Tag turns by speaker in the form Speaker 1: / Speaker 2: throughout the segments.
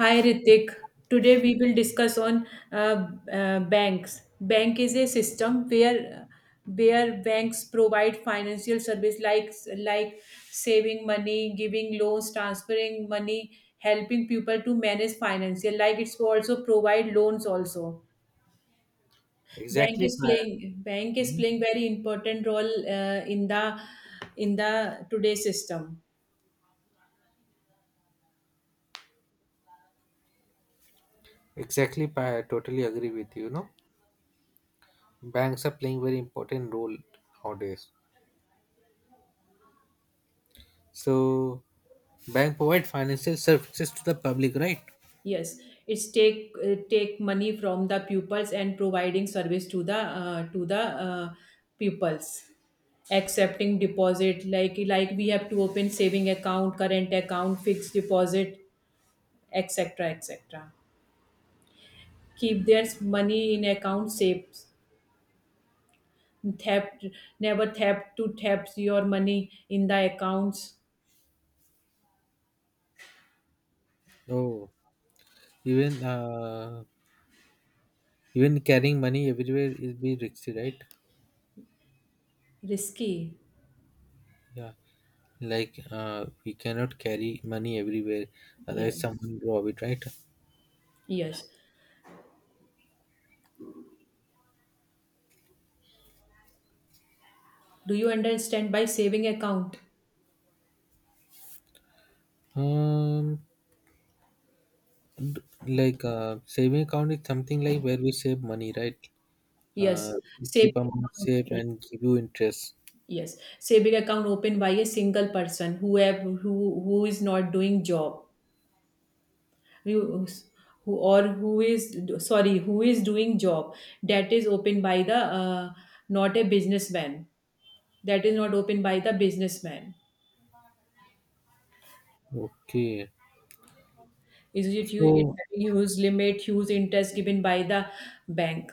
Speaker 1: Hi Ritik. Today we will discuss on banks. Bank is a system where banks provide financial service like saving money, giving loans, transferring money, helping people to manage financial. Like it's also provide loans also. Bank
Speaker 2: Exactly,
Speaker 1: is
Speaker 2: Payal.
Speaker 1: playing bank is
Speaker 2: Mhm.
Speaker 1: playing very important role in the today system.
Speaker 2: Exactly, Payal. I totally agree with you. No, banks are playing very important role nowadays. So, bank provide financial services to the public, right?
Speaker 1: Yes, it's take take money from the pupils and providing service to the pupils. Accepting deposit like we have to open saving account, current account, fixed deposit, etc. etc. Keep their money in account safe. Theft never theft to theft your money in the accounts.
Speaker 2: Oh, even even carrying money everywhere is be risky, right?
Speaker 1: Risky.
Speaker 2: Yeah, like we cannot carry money everywhere,
Speaker 1: Yeah.
Speaker 2: otherwise someone rob it, right?
Speaker 1: Yes. Do you understand by saving account?
Speaker 2: Um, d- like saving account is something like where we save money, right? uh,
Speaker 1: Yes. Saving
Speaker 2: Keep amount safe
Speaker 1: account.
Speaker 2: and give you interest.
Speaker 1: Yes, saving account opened by a single person who have, who is not doing job, who, who or who is sorry who is doing job that is opened by the not a businessman, that is not opened by the businessman.
Speaker 2: Okay.
Speaker 1: Is it you? It
Speaker 2: So,
Speaker 1: having huge limit, huge interest given by the bank.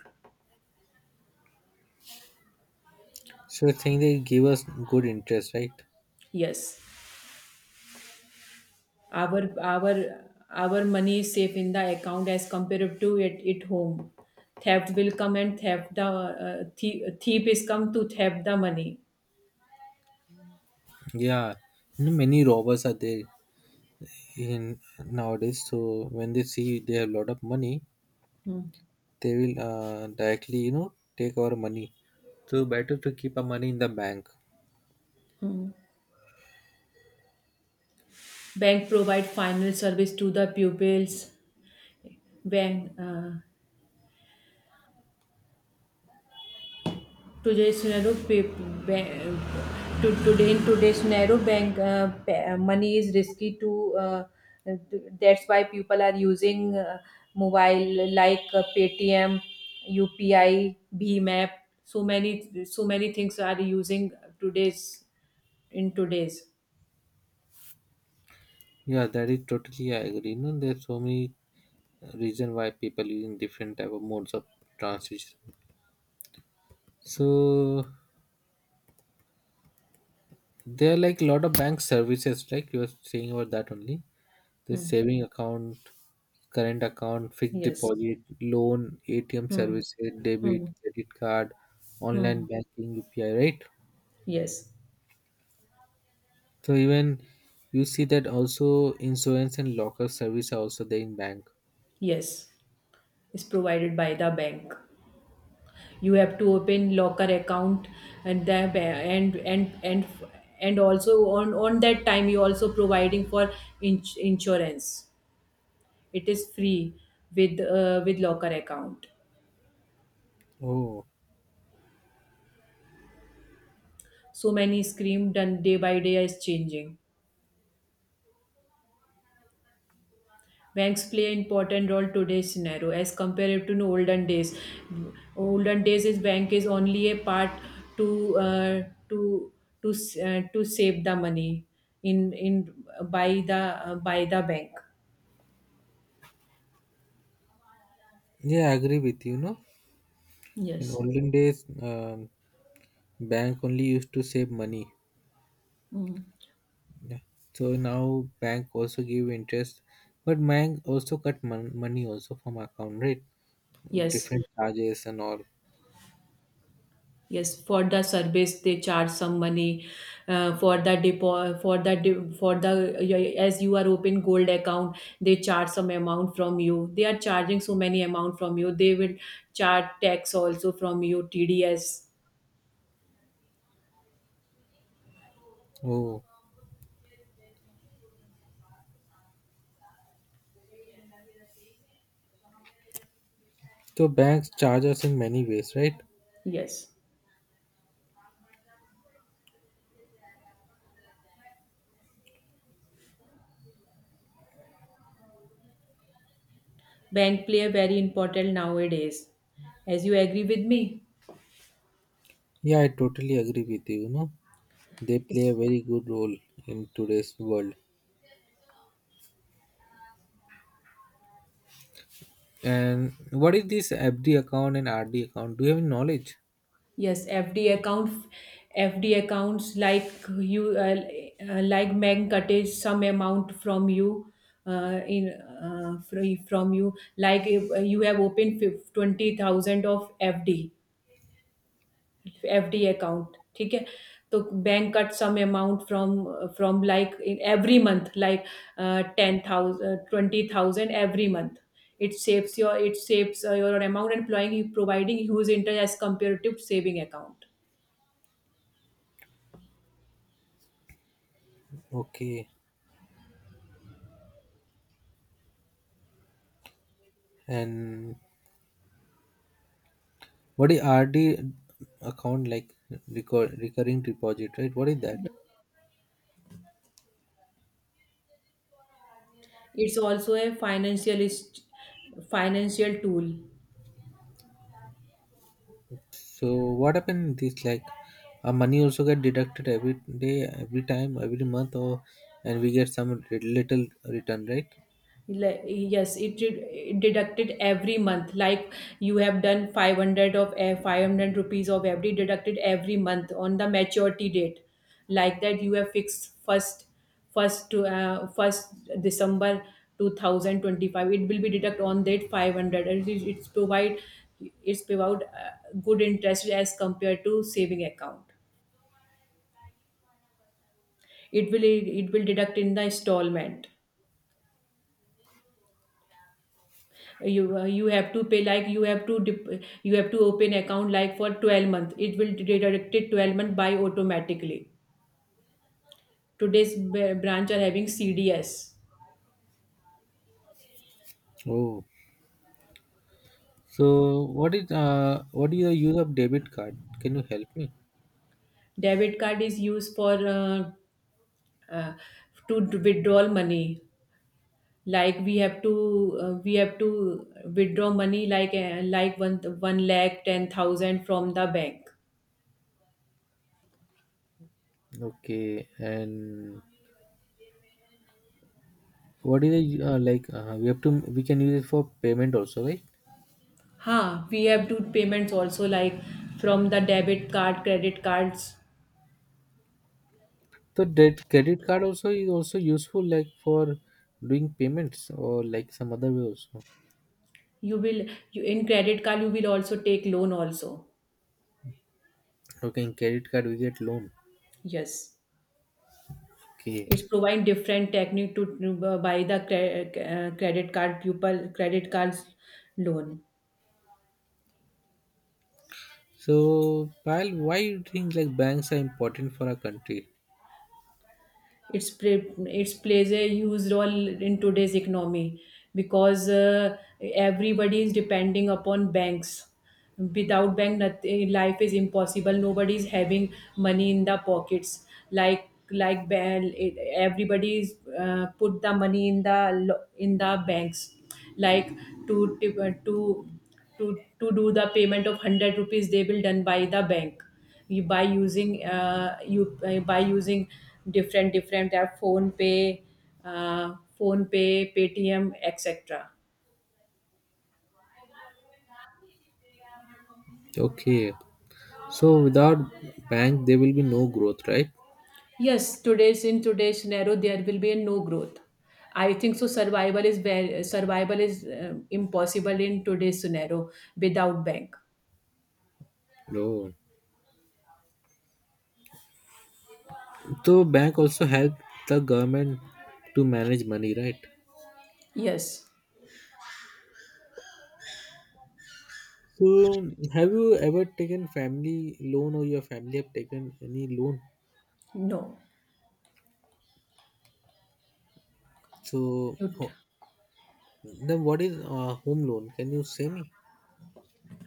Speaker 2: so you're saying they give us good interest, right?
Speaker 1: Yes. our our our money is safe in the account as compared to it at home. Theft will come and theft the thief is come to theft the money.
Speaker 2: Yeah. You know, many robbers are there in nowadays. So when they see they have a lot of money, they will directly you know take our money. So better to keep our money in the bank.
Speaker 1: Bank provide final service to the pupils. Bank Today's narrow pa- ba- to today in today's narrow bank money is risky to that's why people are using mobile like Paytm, UPI, Bheem app. So many things are using today's in today's.
Speaker 2: Yeah, that is totally I agree. You know, there's so many reason why people using different type of modes of transition. So there are like a lot of bank services, like you were saying about that only. The
Speaker 1: Hmm.
Speaker 2: saving account, current account, fixed
Speaker 1: Yes.
Speaker 2: deposit, loan, ATM
Speaker 1: Hmm.
Speaker 2: services, debit,
Speaker 1: Hmm.
Speaker 2: credit card, online
Speaker 1: Hmm.
Speaker 2: banking, UPI, right?
Speaker 1: Yes.
Speaker 2: So even you see that also insurance and locker service are also there in bank.
Speaker 1: Yes. It's provided by the bank. You have to open locker account and and also on that time you also providing for insurance. It is free with locker account.
Speaker 2: Oh,
Speaker 1: So many scream done day by day is changing. Banks play an important role today's scenario as compared to the olden days. Olden days is bank is only a part to uh, to save the money in by the bank.
Speaker 2: yeah, I agree with you. No, in
Speaker 1: Yes.
Speaker 2: olden days, bank only used to save money.
Speaker 1: Mm.
Speaker 2: Yeah. So now bank also give interest, but bank also money also from account, right?
Speaker 1: Yes.
Speaker 2: Different charges and all.
Speaker 1: Yes. For the service, they charge some money. For the depo, for the de- for the y- as you are open gold account, they charge some amount from you. They are charging so many amount from you. They will charge tax also from you, TDS.
Speaker 2: Oh, so banks charge us in many ways, right?
Speaker 1: Yes. Bank play a very important nowadays. As you agree with me.
Speaker 2: Yeah, I totally agree with you. You know, they play a very good role in today's world. And what is this FD account and RD account? Do you have any knowledge?
Speaker 1: Yes, FD account, FD accounts like you like bank cuts some amount from you in free from you, like if you have opened 20,000 of FD account. ठीक है, तो bank cut some amount from like in every month, like ten thousand, twenty thousand every month. It saves your amount and employing providing huge interest as comparative saving account.
Speaker 2: Okay. And what is RD account like? Recurring deposit, right? What is that?
Speaker 1: It's also a financial financial tool.
Speaker 2: So what happened in this like our money also get deducted every day, every time, every month, or and we get some little return, right?
Speaker 1: Like, yes, it deducted every month. Like you have done 500 rupees of every deducted every month on the maturity date. Like that, you have fixed first December 2025. It will be deduct on that 500. And it's provide good interest as compared to saving account. It will deduct in the installment. You have to pay, like you have to open account like for 12 month. It will deduct it 12-month by automatically. Today's branch are having CDs.
Speaker 2: Oh, so what is the use of debit card? Can you help me?
Speaker 1: Debit card is used for uh, to d- withdraw money, like we have to withdraw money like one lakh 10,000 from the bank.
Speaker 2: Okay, and what is the like we have to we can use it for payment also, right?
Speaker 1: Huh, we have to payments also like from the debit card, credit cards.
Speaker 2: So that credit card also is also useful like for doing payments or like some other way also.
Speaker 1: You will you in credit card you will also take loan also.
Speaker 2: Okay, in credit card we get loan.
Speaker 1: Yes,
Speaker 2: Okay.
Speaker 1: it's provide different technique to buy the credit card pupil credit cards loan.
Speaker 2: So, Pal, why you think like banks are important for our country?
Speaker 1: It's plays a huge role in today's economy because everybody is depending upon banks. Without bank, nothing, life is impossible. Nobody is having money in the pockets. Everybody is put the money in the banks. Like to to to to do the payment of 100 rupees, they will done by the bank you by using different app, phone pay, phone pay, Paytm, etc.
Speaker 2: Okay. So without bank, there will be no growth, right?
Speaker 1: Yes, today's in today's scenario there will be no growth. I think so. Survival is impossible in today's scenario without bank.
Speaker 2: No. So bank also help the government to manage money, right?
Speaker 1: Yes.
Speaker 2: So have you ever taken family loan or your family have taken any loan?
Speaker 1: No.
Speaker 2: So
Speaker 1: You-
Speaker 2: ho- then what is home loan? Can you say me?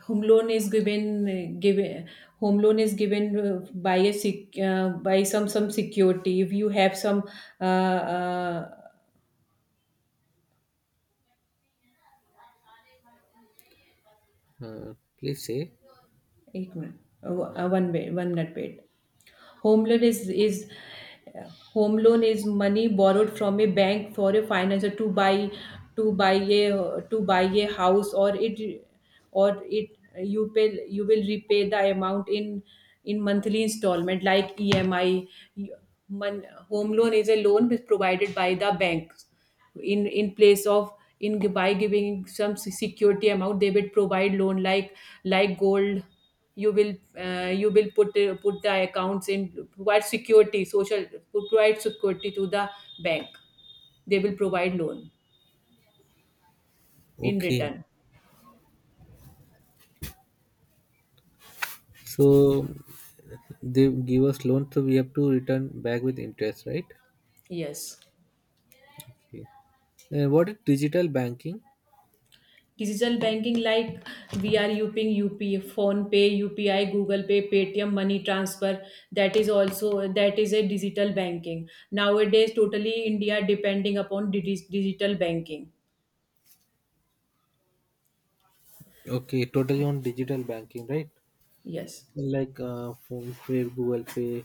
Speaker 1: home loan is given Given home loan is given by a sec, by some security if you have some uh, uh,
Speaker 2: Uh, Please say.
Speaker 1: 8 minute, one wait, one minute wait. Home loan is is home loan is money borrowed from a bank for a financer to buy a house, or it you pay you will repay the amount in monthly installment like EMI. Home loan is a loan provided by the bank in place of in by giving some security amount. They will provide loan like gold. You will put the accounts in provide security social. Provide security to the bank, they will provide loan in
Speaker 2: Okay.
Speaker 1: return.
Speaker 2: So they give us loan, so we have to return back with interest, right?
Speaker 1: Yes.
Speaker 2: Okay. And what is digital banking?
Speaker 1: Digital banking, like we are using up phone pay, UPI, Google Pay, Paytm money transfer. That is a digital banking. Nowadays totally India depending upon digital banking.
Speaker 2: Okay, totally on digital banking, right?
Speaker 1: Yes.
Speaker 2: Like phone pay, Google Pay,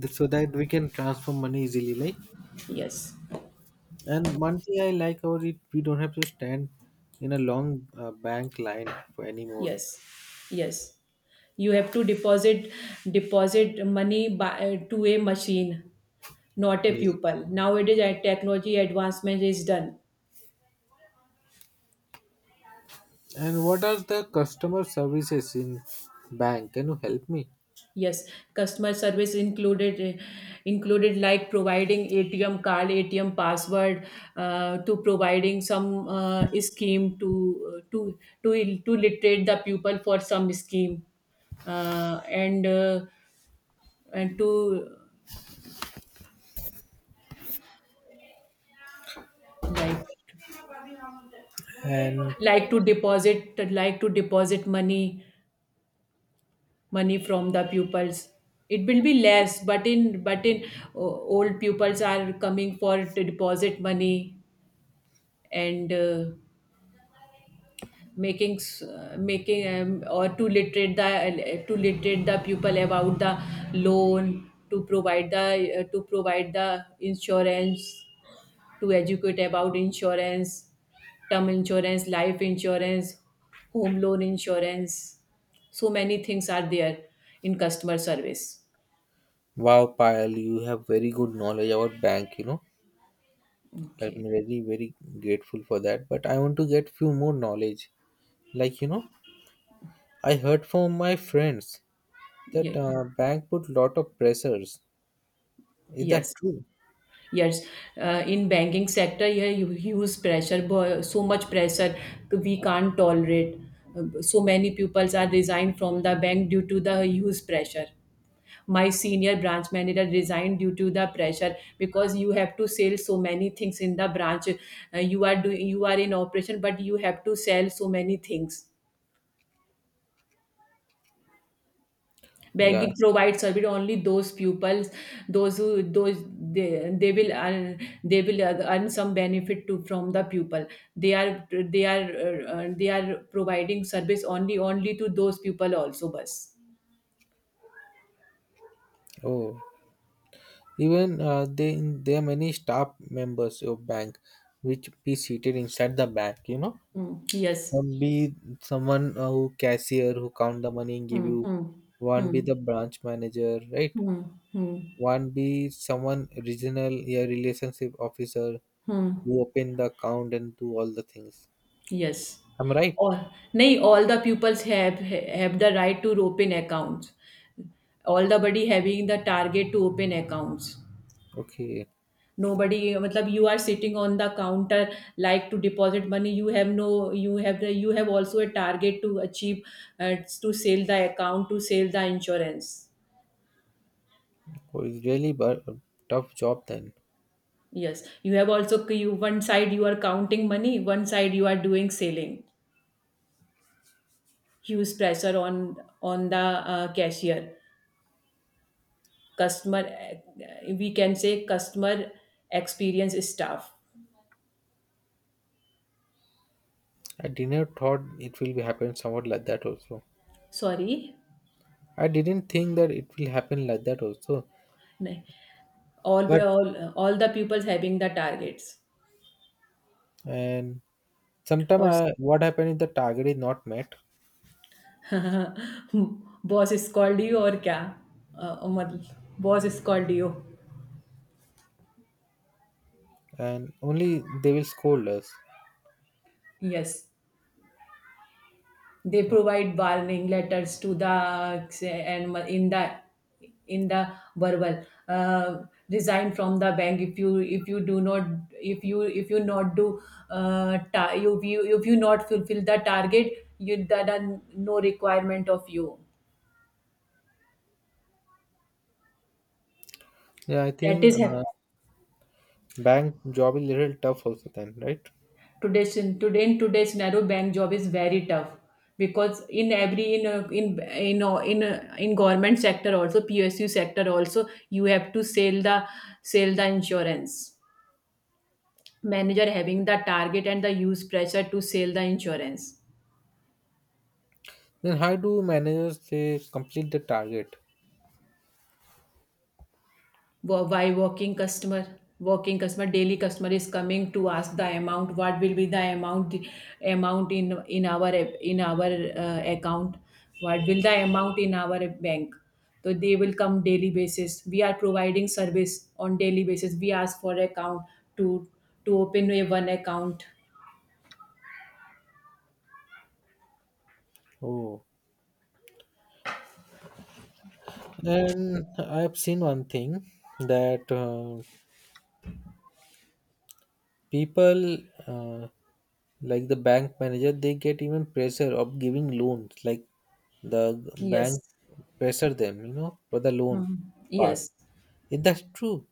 Speaker 2: so that we can transfer money easily. Like,
Speaker 1: Yes.
Speaker 2: and one thing I like about it, we don't have to stand in a long bank line for anymore.
Speaker 1: Yes. Yes. You have to deposit money by, to a machine, not a
Speaker 2: Yeah.
Speaker 1: pupil. Nowadays, technology advancement is done.
Speaker 2: And what are the customer services in bank? Can you help me?
Speaker 1: Yes, customer service included like providing ATM card, ATM password, to providing some scheme to to literate the pupil for some scheme uh, and uh, and to like
Speaker 2: And
Speaker 1: like to deposit money from the pupils. It will be less, but in old pupils are coming for to deposit money, and making or to literate the pupil about the loan, to provide the insurance, to educate about insurance: term insurance, life insurance, home loan insurance. So many things are there in customer service.
Speaker 2: wow, Payal, you have very good knowledge about bank, you know. I'm
Speaker 1: Okay.
Speaker 2: really very grateful for that. But I want to get few more knowledge. Like, you know, I heard from my friends that
Speaker 1: Ye-
Speaker 2: bank put lot of pressures. Is that
Speaker 1: Yes.
Speaker 2: true?
Speaker 1: Yes. In banking sector, yeah, you use pressure, so much pressure we can't tolerate. So many pupils are resigned from the bank due to the huge pressure. My senior branch manager resigned due to the pressure because you have to sell so many things in the branch. You are doing, you are in operation, but you have to sell so many things. Banking
Speaker 2: Yes.
Speaker 1: provides service only those pupils, those who those they will earn some benefit to from the pupil. They are providing service only to those people also. Bus.
Speaker 2: Oh, even they there are many staff members of bank which be seated inside the bank, you know.
Speaker 1: Mm, yes.
Speaker 2: Some be someone who cashier who count the money and give
Speaker 1: Hmm.
Speaker 2: you.
Speaker 1: Hmm.
Speaker 2: One be
Speaker 1: Hmm.
Speaker 2: the branch manager, right?
Speaker 1: Hmm. Hmm.
Speaker 2: One be someone regional, yeah, relationship officer
Speaker 1: Hmm.
Speaker 2: who open the account and do all the things.
Speaker 1: Yes.
Speaker 2: I'm right.
Speaker 1: All nahi, all the pupils have the right to open accounts. All the body having the target to open accounts.
Speaker 2: Okay.
Speaker 1: Nobody, matlab, you are sitting on the counter like to deposit money. You have no, you have the, you have also a target to achieve, to sell the account, to sell the insurance.
Speaker 2: Oh, it's really but a tough job then.
Speaker 1: Yes, you have also, you one side you are counting money, one side you are doing selling. Huge pressure on the cashier, customer. We can say customer experience staff.
Speaker 2: I didn't thought it will be happen somewhat like that also.
Speaker 1: Sorry,
Speaker 2: I didn't think that it will happen like that also.
Speaker 1: नहीं, all by
Speaker 2: But
Speaker 1: all all the people having the targets
Speaker 2: and sometime
Speaker 1: or
Speaker 2: I, what happen if the target is not met,
Speaker 1: boss scold you और क्या, मतलब boss scold you.
Speaker 2: and only they will scold us.
Speaker 1: Yes, they
Speaker 2: Okay.
Speaker 1: provide warning letters to the, and in the in the verbal uh, resign from the bank if you do not, if you not do you, if you not fulfill the target. You that are no requirement of you.
Speaker 2: Yeah, I
Speaker 1: that
Speaker 2: think
Speaker 1: is hap-
Speaker 2: bank job is little tough also then, right?
Speaker 1: today's in today in today's narrow bank job is very tough because in every in a, in a, in government sector also, PSU sector also, you have to sell the, sell the insurance. Manager having the target and the use pressure to sell the insurance.
Speaker 2: Then how do managers they complete the target?
Speaker 1: Why working customer? Working customer, daily customer is coming to ask the amount. What will be the amount? Amount in our account. What will the amount in our bank? So they will come daily basis. We are providing service on daily basis. We ask for account to to open a one account.
Speaker 2: Oh, and I've seen one thing that people uh, like the bank manager they get even pressure of giving loans, like the
Speaker 1: Yes.
Speaker 2: bank pressure them, you know, for the loan
Speaker 1: Mhm.
Speaker 2: part.
Speaker 1: Yes.
Speaker 2: If that's true,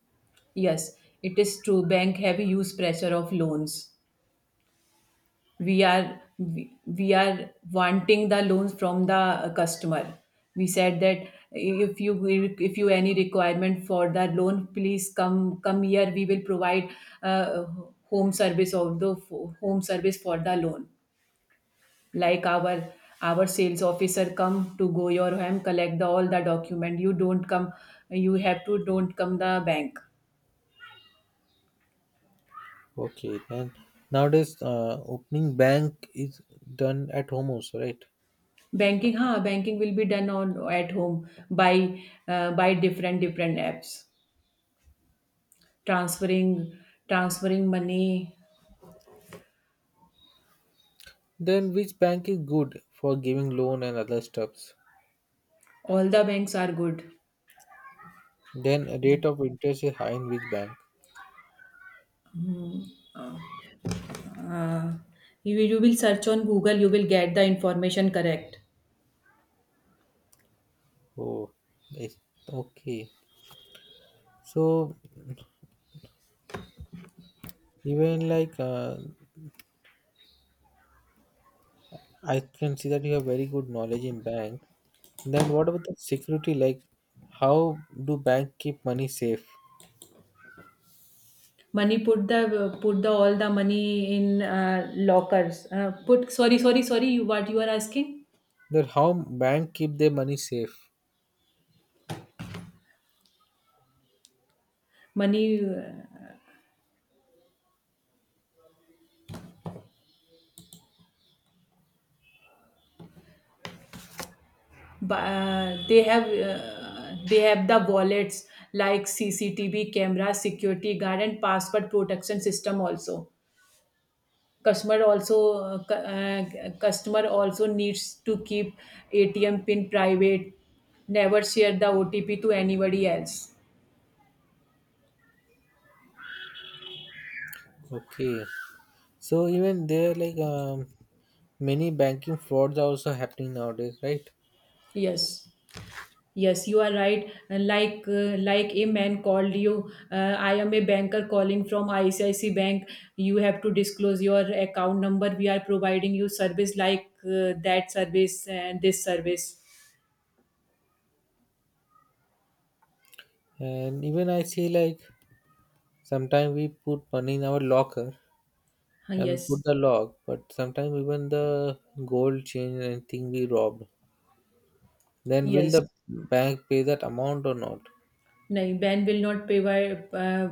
Speaker 1: Yes. It is true. Bank have huge pressure of loans. We are wanting the loans from the customer. We said that if you any requirement for the loan, please come here, we will provide uh, home service of the home service for the loan. Like our sales officer come to go your home, collect the all the document, you don't come, you have to don't come the bank.
Speaker 2: okay. Then nowadays, opening bank is done at home also, right?
Speaker 1: Banking will be done on at home by different apps, transferring transferring money.
Speaker 2: Then which bank is good for giving loan and other stuffs?
Speaker 1: All the banks are good.
Speaker 2: Then
Speaker 1: The-
Speaker 2: rate of interest is high in which bank?
Speaker 1: uh, you will search on Google, you will get the information correct.
Speaker 2: Oh, yes. Okay. So even like I can see that you have very good knowledge in bank. Then what about the security? Like how do bank keep money safe?
Speaker 1: Money, put the all the money in lockers, put, sorry, you, what you are asking?
Speaker 2: That how bank keep their money safe?
Speaker 1: Money, bu- uh, they have uh, they have the wallets, like CCTV camera, security guard, and password protection system also. Customer also, customer also needs to keep ATM pin private, never share the OTP to anybody else.
Speaker 2: Okay. So even there like many banking frauds are also happening nowadays, right?
Speaker 1: Yes yes you are right, like a man called you, I am a banker calling from ICIC Bank, you have to disclose your account number, we are providing you service like that service and this service.
Speaker 2: And even I see like sometimes we put money in our locker and put
Speaker 1: Yes.
Speaker 2: the log, but sometimes even the gold chain and thing we robbed. Then will
Speaker 1: Yes.
Speaker 2: the bank pay that amount or not?
Speaker 1: No, bank will not provide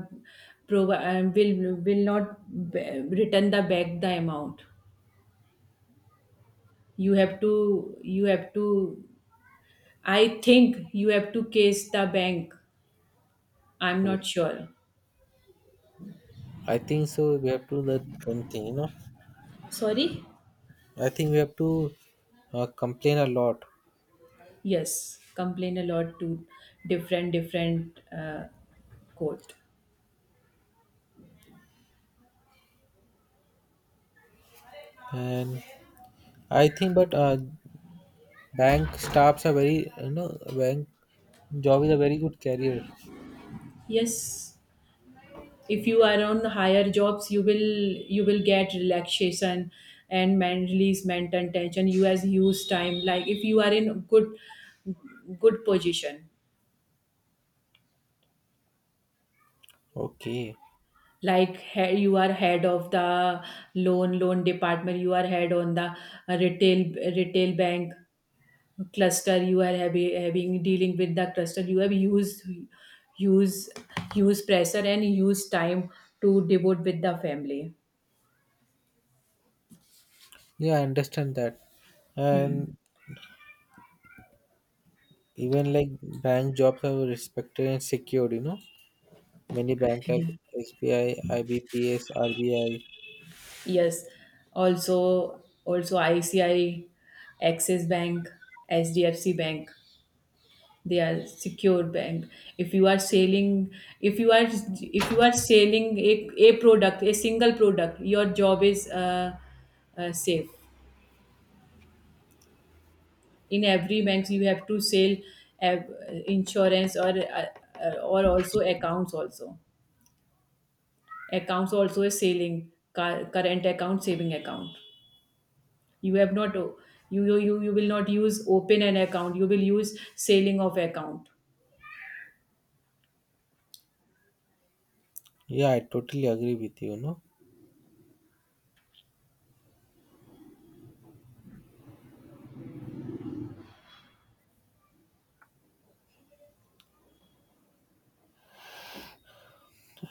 Speaker 1: provi will not b return the back the amount. You have to, I think you have to case the bank. I'm not sure.
Speaker 2: I think so. We have to that kind thing, you know.
Speaker 1: Sorry?
Speaker 2: I think we have to complain a lot,
Speaker 1: Yes, complain a lot to different court.
Speaker 2: and I think but bank staffs are very you know bank job is a very good career.
Speaker 1: Yes. If you are on higher jobs, you will get relaxation and man release mental tension, you has huge time, like if you are in good position,
Speaker 2: Okay,
Speaker 1: you are head of the loan department, you are head on the retail retail bank cluster, you are having dealing with the cluster, you have used, use, use pressure and use time to devote with the family.
Speaker 2: yeah, I understand that, and even like bank jobs are respected and secured, you know. Many bank like SBI, IBPS, RBI.
Speaker 1: Yes, also ICI, Axis Bank, SDFC Bank. They are secure bank. If you are selling, if you are selling a product, a single product, your job is safe. In every bank, you have to sell uh, insurance or or also accounts also. Accounts also is selling current account, saving account. you have not you you will not use open an account, you will use selling of account.
Speaker 2: Yeah, I totally agree with you, no?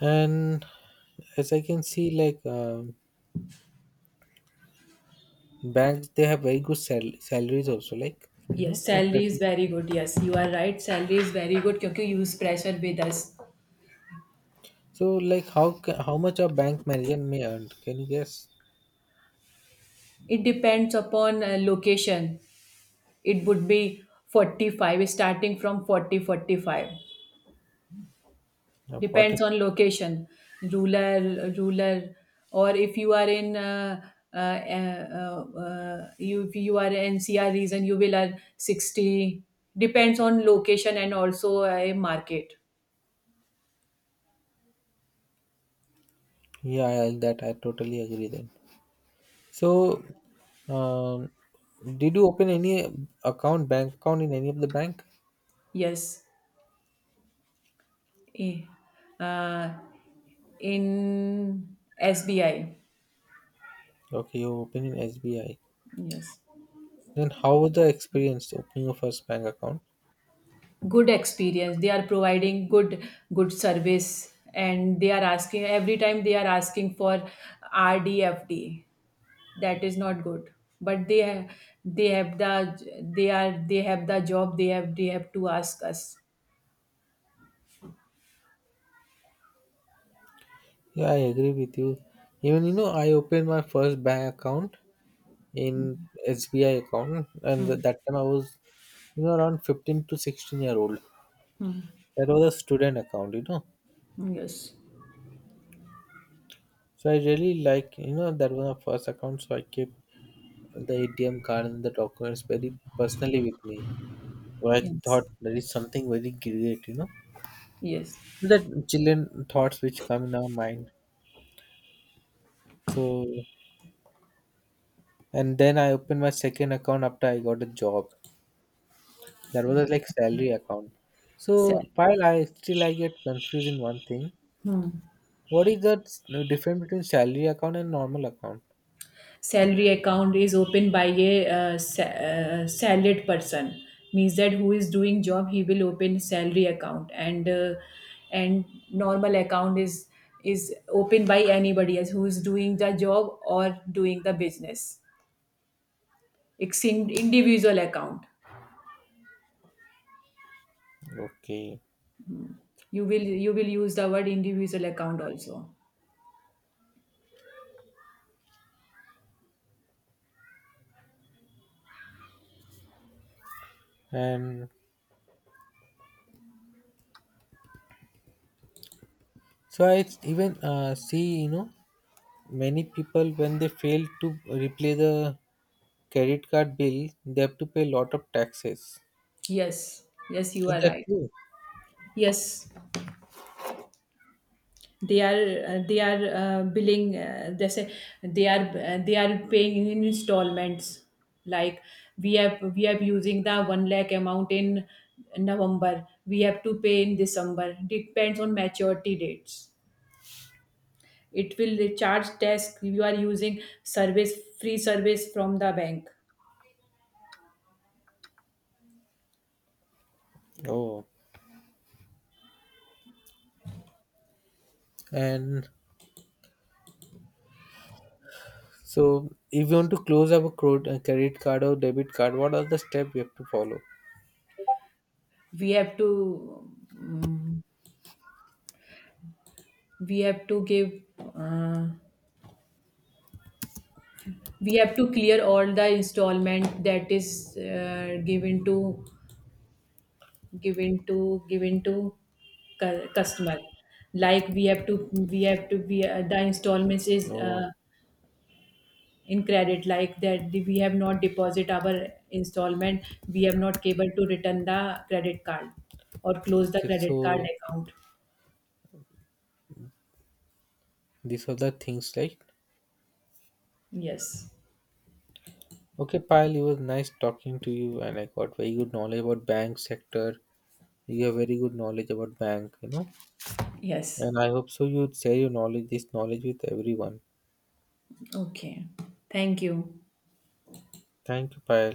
Speaker 2: And as I can see, like banks, they have very good salaries also, like you know.
Speaker 1: Yes,
Speaker 2: And
Speaker 1: salary is
Speaker 2: present-
Speaker 1: very good. Yes, you are right, salary is very good because use pressure with us.
Speaker 2: so, like, how how much a bank manager may earn? Can you guess?
Speaker 1: It depends upon location. It would be 45, starting from 40 45.
Speaker 2: Of what?
Speaker 1: Depends on location, rural, or if you are in you, if you are in NCR region, you will earn 60. Depends on location and also a market.
Speaker 2: Yeah, yeah, that I totally agree then. So, um, did you open any account, bank account in any of the bank?
Speaker 1: Yes. Eh, uh, in SBI.
Speaker 2: Okay, you open in SBI.
Speaker 1: Yes.
Speaker 2: Then how was the experience opening your first bank account?
Speaker 1: Good experience, they are providing good, good service, and they are asking every time, they are asking for RDFD, that is not good, but they have the, they are, they have the job, they have, they have to ask us.
Speaker 2: Yeah, I agree with you. Even you know, I opened my first bank account in SBI account, and that time I was you know around 15 to 16 year old. That was a student account, you know.
Speaker 1: Yes.
Speaker 2: So I really like you know that was my first account. So I kept the ATM card and the documents very personally with me. So I thought
Speaker 1: Yes.
Speaker 2: that is something very great, you know.
Speaker 1: Yes.
Speaker 2: That children thoughts which come in our mind. So and then I opened my second account after I got a job. That was a, like salary account.
Speaker 1: Sa-
Speaker 2: So while I still I get confused in one thing. What is that the difference between salary account and normal account?
Speaker 1: salary account is opened by a salaried person, means that who is doing job, he will open salary account, and and normal account is opened by anybody else who is doing the job or doing the business. It's in individual account.
Speaker 2: Okay.
Speaker 1: You will use the word individual account also.
Speaker 2: And so even see, you know, many people when they fail to repay the credit card bill, they have to pay a lot of taxes.
Speaker 1: Yes, you
Speaker 2: Is
Speaker 1: are
Speaker 2: that
Speaker 1: right.
Speaker 2: true?
Speaker 1: Yes, they are billing, they say they are paying in installments. Like we have using the 1 lakh amount in November, we have to pay in December, depends on maturity dates. It will charge tax, you are using service, free service from the bank.
Speaker 2: Oh. And so, if you want to close up a credit card or debit card, what are the steps we have to follow?
Speaker 1: We have to, mm, we have to give, uh, we have to clear all the installment that is given to, given to customer. Like we have to be the installments is
Speaker 2: Oh,
Speaker 1: in credit. Like that, we have not deposit our installment, we have not able to return the credit card or close the
Speaker 2: okay.
Speaker 1: credit card
Speaker 2: So,
Speaker 1: account.
Speaker 2: these are the things like
Speaker 1: Yes.
Speaker 2: okay, Pyle, it was nice talking to you, and I got very good knowledge about bank sector. You have very good knowledge about bank, you know,
Speaker 1: Yes.
Speaker 2: and I hope so. You would share your knowledge, this knowledge, with everyone.
Speaker 1: Okay. Thank you.
Speaker 2: Thank you, Pyle.